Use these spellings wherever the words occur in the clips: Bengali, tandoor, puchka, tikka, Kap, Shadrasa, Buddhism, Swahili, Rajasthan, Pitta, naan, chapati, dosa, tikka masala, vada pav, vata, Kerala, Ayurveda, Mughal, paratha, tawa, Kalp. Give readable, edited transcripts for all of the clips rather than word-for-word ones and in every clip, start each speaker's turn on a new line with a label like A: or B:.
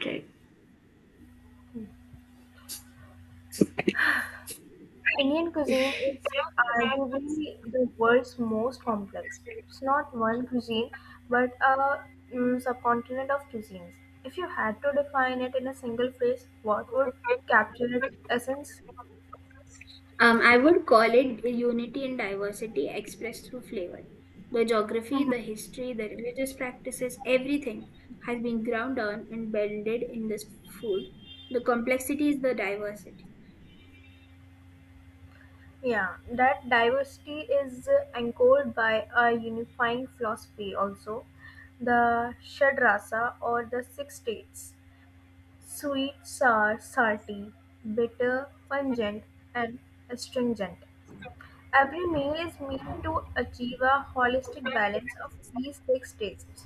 A: Right.
B: Indian cuisine is arguably the world's most complex. It's not one cuisine, but a subcontinent of cuisines. If you had to define it in a single phrase, what would capture its essence?
A: I would call it unity and diversity expressed through flavor. The geography, the
B: Mhm.
A: history, the religious practices, everything has been ground down and blended in this food. The complexity is the diversity.
B: Yeah, that diversity is anchored by a unifying philosophy also. The Shadrasa or the six states sweet, sour, salty, bitter, pungent, and astringent. Every meal is meant to achieve a holistic balance of these six tastes.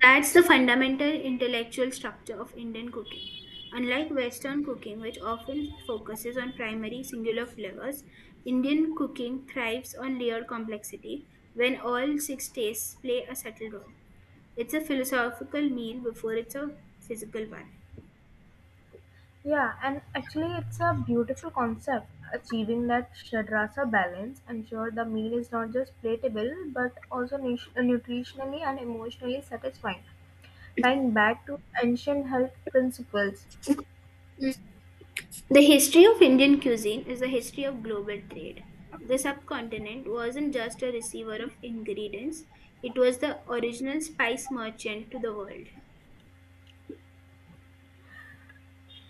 A: That's the fundamental intellectual structure of Indian cooking. Unlike Western cooking, which often focuses on primary singular flavors, Indian cooking thrives on layered complexity when all six tastes play a subtle role. It's a philosophical meal before it's a physical one.
B: Yeah, and actually, it's a beautiful concept. Achieving that Shadrasa balance ensure the meal is not just palatable but also nutritionally and emotionally satisfying, tying back to ancient health principles.
A: The history of Indian cuisine is the history of global trade. The subcontinent wasn't just a receiver of ingredients, it was the original spice merchant to the world.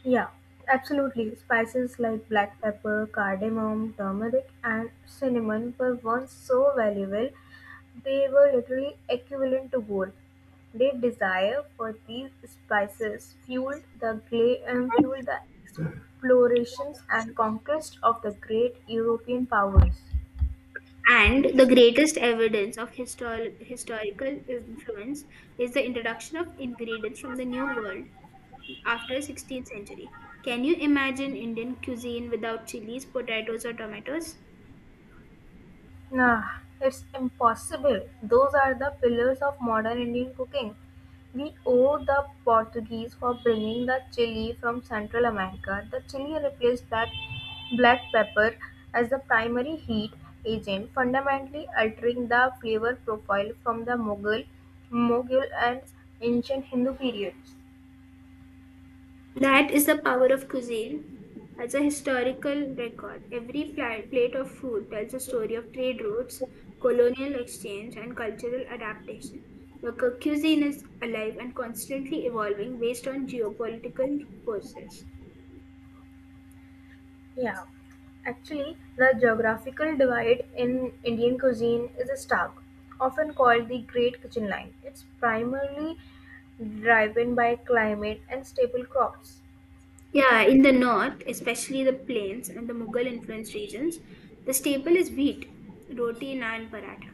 B: Yeah, absolutely. Spices like black pepper, cardamom, turmeric, and cinnamon were once so valuable, they were literally equivalent to gold. Their desire for these spices fueled the fueled the explorations and conquest of the great European powers.
A: And the greatest evidence of historical influence is the introduction of ingredients from the New World after 16th century. Can you imagine Indian cuisine without chilies, potatoes, or tomatoes?
B: Nah, it's impossible. Those are the pillars of modern Indian cooking. We owe the Portuguese for bringing the chili from Central America. The chili replaced black, black pepper as the primary heat agent, fundamentally altering the flavor profile from the Mughal and ancient Hindu periods.
A: That is the power of cuisine. As a historical record, every plate of food tells a story of trade routes, colonial exchange, and cultural adaptation. The cuisine is alive and constantly evolving based on geopolitical forces.
B: Yeah, actually, the geographical divide in Indian cuisine is stark, often called the Great Kitchen Line. It's primarily driven by climate and staple crops.
A: Yeah, in the north, especially the plains and the Mughal influenced regions, the staple is wheat, roti, naan, paratha.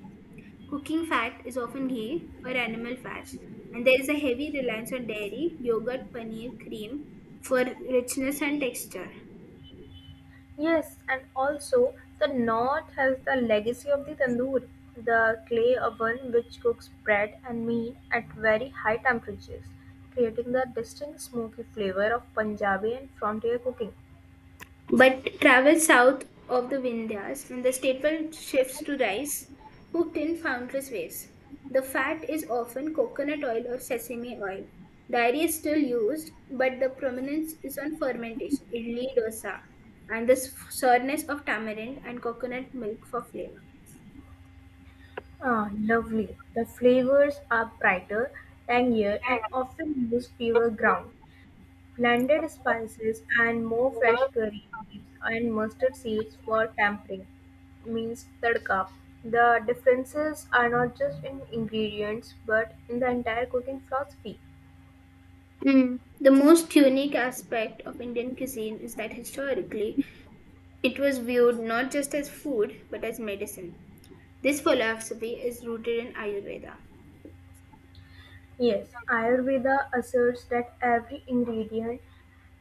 A: Cooking fat is often ghee or animal fats, and there is a heavy reliance on dairy, yogurt, paneer, cream for richness and texture.
B: Yes, and also the north has the legacy of the tandoor, the clay oven which cooks bread and meat at very high temperatures, creating the distinct smoky flavor of Punjabi and frontier cooking.
A: But travel south of the Vindhyas, and the staple shifts to rice, cooked in countless ways. The fat is often coconut oil or sesame oil. Dairy is still used, but the prominence is on fermentation, idli dosa, and the sourness of tamarind and coconut milk for flavor.
B: Ah, lovely. The flavors are brighter, tangier, and often use fewer ground, blended spices, and more fresh curry leaves and mustard seeds for tempering. Means tadka. The differences are not just in ingredients but in the entire cooking philosophy.
A: Mm, the most unique aspect of Indian cuisine is that historically it was viewed not just as food but as medicine. This philosophy is rooted in Ayurveda.
B: Yes, Ayurveda asserts that every ingredient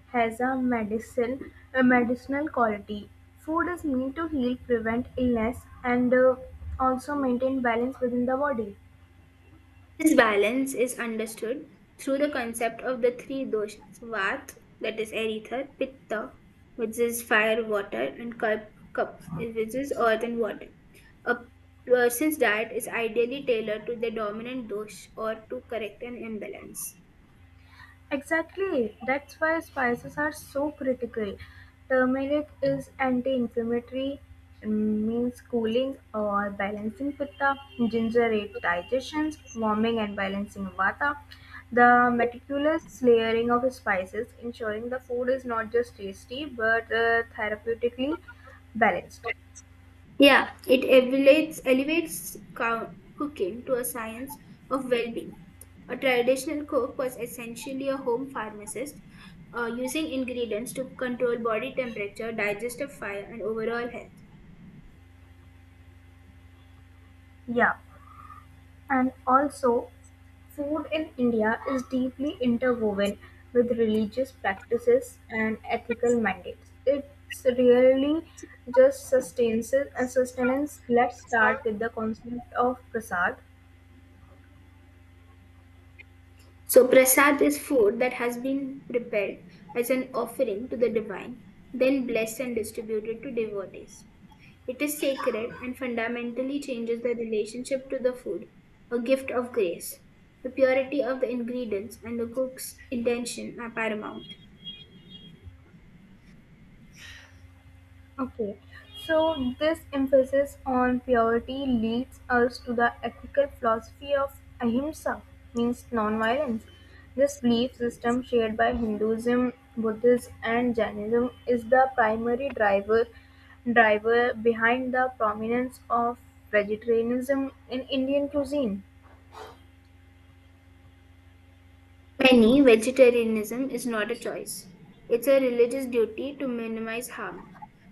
B: has a medicinal quality. Food is meant to heal, prevent illness, and also maintain balance within the body.
A: This balance is understood through the concept of the three doshas Vat, that is ether, Pitta, which is fire, water, and Kalp, Kap, which is earth and water. A person's diet is ideally tailored to the dominant dosh or to correct an imbalance.
B: Exactly. That's why spices are so critical. Turmeric is anti-inflammatory, mm, means cooling or balancing pitta. Ginger aids digestion, warming and balancing vata. The meticulous layering of spices, ensuring the food is not just tasty but therapeutically balanced.
A: Yeah, it elevates, elevates cooking to a science of well being. A traditional cook was essentially a home pharmacist, using ingredients to control body temperature, digestive fire, and overall health.
B: Yeah. And also, food in India is deeply interwoven with religious practices and ethical mandates. It's really just sustenance. Let's start with the concept of prasad.
A: So, prasad is food that has been prepared as an offering to the divine, then blessed and distributed to devotees. It is sacred and fundamentally changes the relationship to the food, a gift of grace. The purity of the ingredients and the cook's intention are paramount.
B: Okay, so this emphasis on purity leads us to the ethical philosophy of ahimsa, means non-violence. This belief system shared by Hinduism, Buddhism, and Jainism is the primary driver behind the prominence of vegetarianism in Indian cuisine.
A: Many vegetarianism is not a choice. It's a religious duty to minimize harm.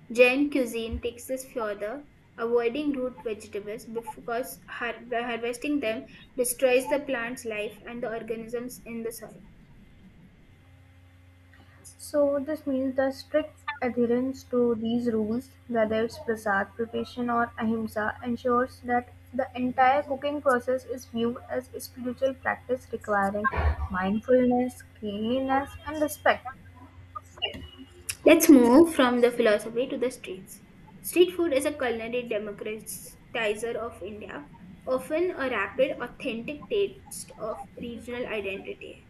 A: Jain cuisine takes this further, avoiding root vegetables because harvesting them destroys the plant's life and the organisms in the soil.
B: So, this means the strict adherence to these rules, whether it's prasad preparation or ahimsa, ensures that the entire cooking process is viewed as a spiritual practice requiring mindfulness, cleanliness, and respect.
A: Let's move from the philosophy to the streets. Street food is a culinary democratizer of India, often a rapid, authentic taste of regional identity.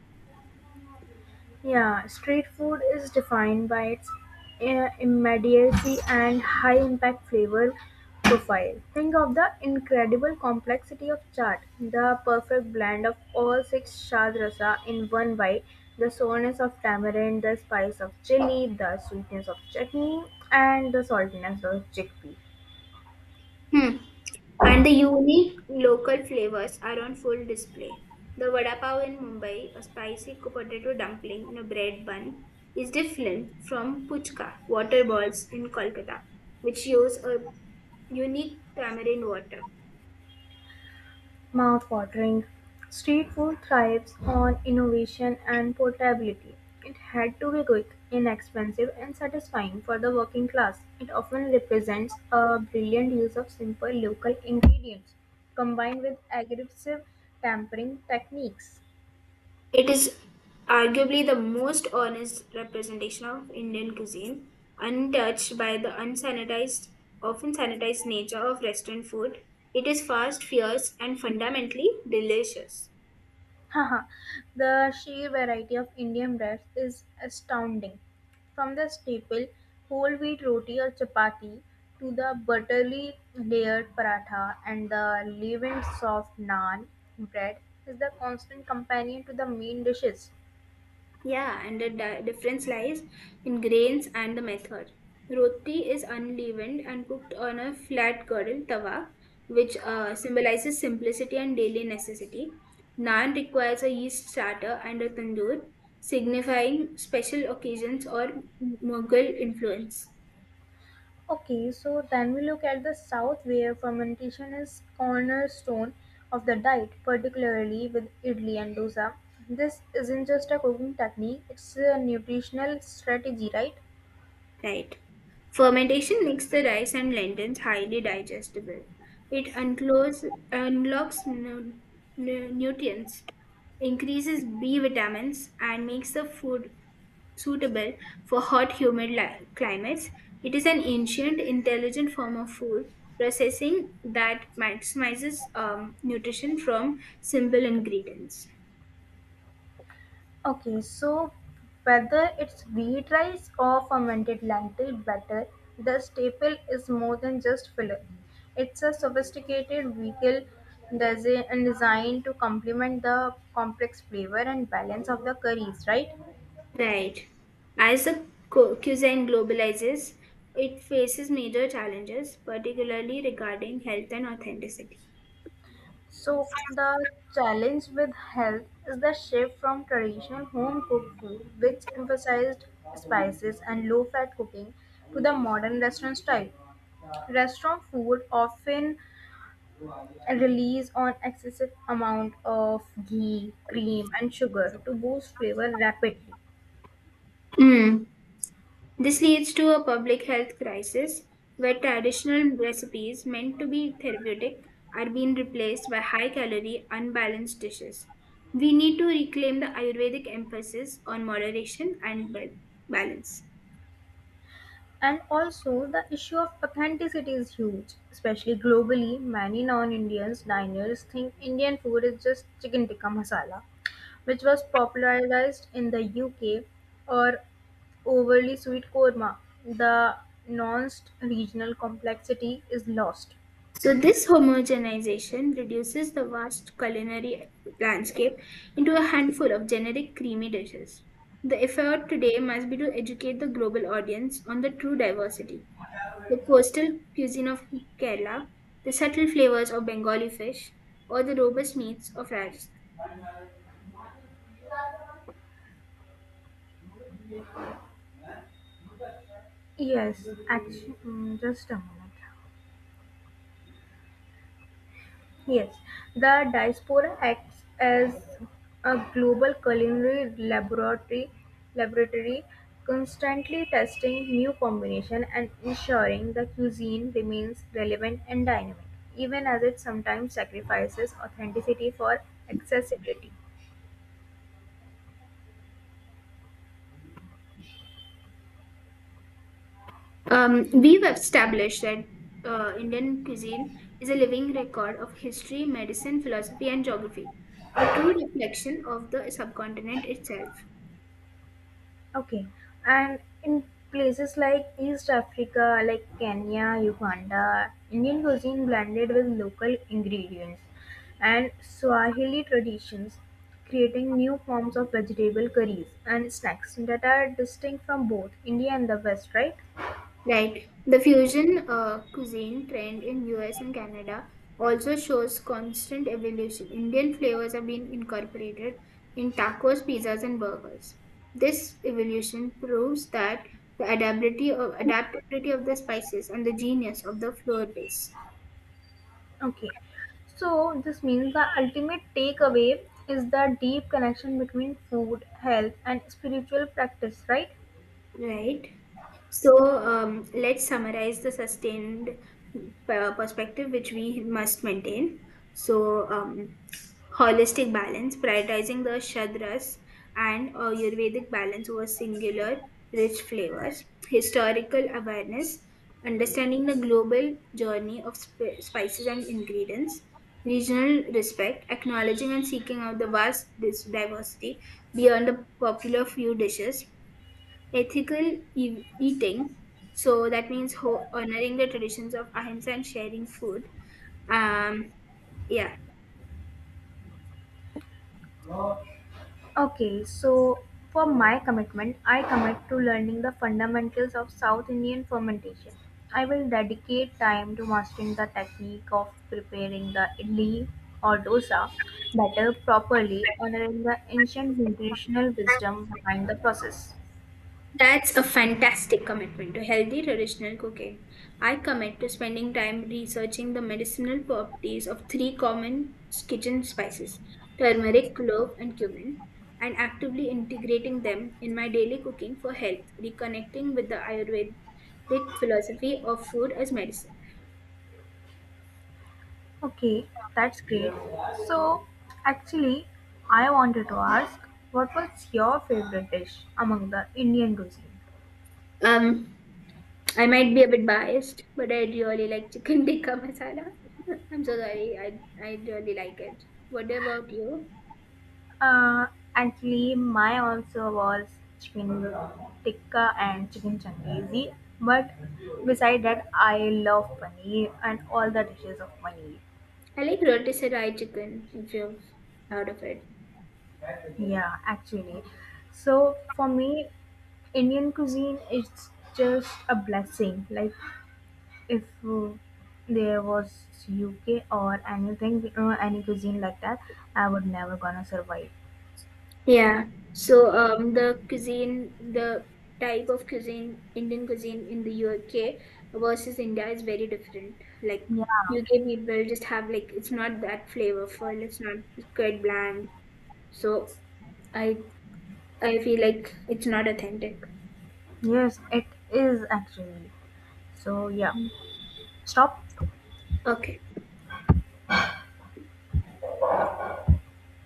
B: Yeah, street food is defined by its immediacy and high impact flavor profile. Think of the incredible complexity of chaat, the perfect blend of all six shad rasa in one bite, the sourness of tamarind, the spice of chili, the sweetness of chutney, and the saltiness of chickpea.
A: Hmm. And the unique local flavors are on full display. The vada pav in Mumbai, a spicy potato dumpling in a bread bun, is different from puchka, water balls in Kolkata, which use a unique tamarind water.
B: Mouth-watering. Street food thrives on innovation and portability. It had to be quick, inexpensive, and satisfying for the working class. It often represents a brilliant use of simple local ingredients combined with aggressive tampering techniques.
A: It is arguably the most honest representation of Indian cuisine, untouched by the unsanitized, often sanitized nature of restaurant food. It is fast, fierce, and fundamentally delicious.
B: Haha, the sheer variety of Indian breads is astounding. From the staple whole wheat roti or chapati to the butterly layered paratha and the leavened soft naan bread is the constant companion to the main dishes.
A: Yeah, and the difference lies in grains and the method. Roti is unleavened and cooked on a flat girdle tawa, which symbolizes simplicity and daily necessity. Naan requires a yeast starter and a tandoor, signifying special occasions or Mughal influence.
B: Okay, so then we look at the south where fermentation is cornerstone of the diet, particularly with idli and dosa. This isn't just a cooking technique, it's a nutritional strategy, right?
A: Right, fermentation makes the rice and lentils highly digestible. It unclose, unlocks nutrients, increases B vitamins, and makes the food suitable for hot, humid climates. It is an ancient, intelligent form of food processing that maximizes nutrition from simple ingredients.
B: Okay, so whether it's wheat rice or fermented lentil batter, the staple is more than just filler. It's a sophisticated vehicle and designed to complement the complex flavor and balance of the curries, right?
A: Right. As the cuisine globalizes, it faces major challenges, particularly regarding health and authenticity.
B: So the challenge with health is the shift from traditional home cooked food, which emphasized spices and low fat cooking, to the modern restaurant food often Release on excessive amount of ghee, cream, and sugar to boost flavor rapidly.
A: Mm. This leads to a public health crisis where traditional recipes meant to be therapeutic are being replaced by high calorie, unbalanced dishes. We need to reclaim the Ayurvedic emphasis on moderation and balance.
B: And also, the issue of authenticity is huge, especially globally. Many non-Indians diners think Indian food is just chicken tikka masala, which was popularized in the UK, or overly sweet korma. The nuanced regional complexity is lost.
A: So this homogenization reduces the vast culinary landscape into a handful of generic creamy dishes. The effort today must be to educate the global audience on the true diversity, the coastal cuisine of Kerala, the subtle flavors of Bengali fish, or the robust meats of Rajasthan.
B: Yes, actually, mm, just a moment. Yes, the diaspora acts as a global culinary laboratory constantly testing new combinations and ensuring the cuisine remains relevant and dynamic, even as it sometimes sacrifices authenticity for accessibility.
A: We've established that Indian cuisine is a living record of history, medicine, philosophy, and geography, a true reflection of the subcontinent itself.
B: Okay, and in places like East Africa, like Kenya, Uganda, Indian cuisine blended with local ingredients and Swahili traditions, creating new forms of vegetable curries and snacks that are distinct from both India and the West, right?
A: Right. The fusion cuisine trend in US and Canada also shows constant evolution. Indian flavors are being incorporated in tacos, pizzas, and burgers. This evolution proves that the adaptability of the spices and the genius of the flour base.
B: Okay, so this means the ultimate takeaway is the deep connection between food, health, and spiritual practice, right?
A: Right. So let's summarize the sustained perspective which we must maintain. So, um, holistic balance, prioritizing the shadras and Ayurvedic balance over singular rich flavors, historical awareness, understanding the global journey of spices and ingredients, regional respect, acknowledging and seeking out the vast diversity beyond the popular few dishes, ethical eating, so that means honoring the traditions of ahimsa and sharing food. Um, yeah,
B: Okay, so for my commitment, I commit to learning the fundamentals of South Indian fermentation. I will dedicate time to mastering the technique of preparing the idli or dosa better properly, honoring the ancient nutritional wisdom behind the process.
A: that's a fantastic commitment to healthy traditional cooking. I commit to spending time researching the medicinal properties of three common kitchen spices turmeric, clove, and cumin, and actively integrating them in my daily cooking for health, reconnecting with the Ayurvedic philosophy of food as medicine.
B: Okay, that's great. So, actually, I wanted to ask what was your favorite dish among the Indian cuisine?
A: Um, I might be a bit biased, but I really like chicken tikka masala. I'm so sorry. I really like it. What about you?
B: Uh, actually, my answer was chicken tikka and chicken changizi. But beside that, I love paneer and all the dishes of paneer.
A: I like rotisserie chicken. If you've heard of it,
B: Yeah, actually. So for me, Indian cuisine is just a blessing. Like if there was UK or anything, any cuisine like that, I would never gonna survive.
A: yeah. So the cuisine, the type of cuisine, Indian cuisine in the UK versus India is very different. Like
B: Yeah.
A: UK people just have like it's not that flavorful. It's not it's quite bland. So I I feel like it's not authentic.
B: Yes, it is actually. So yeah.
A: Mm.
B: Stop.
A: Okay.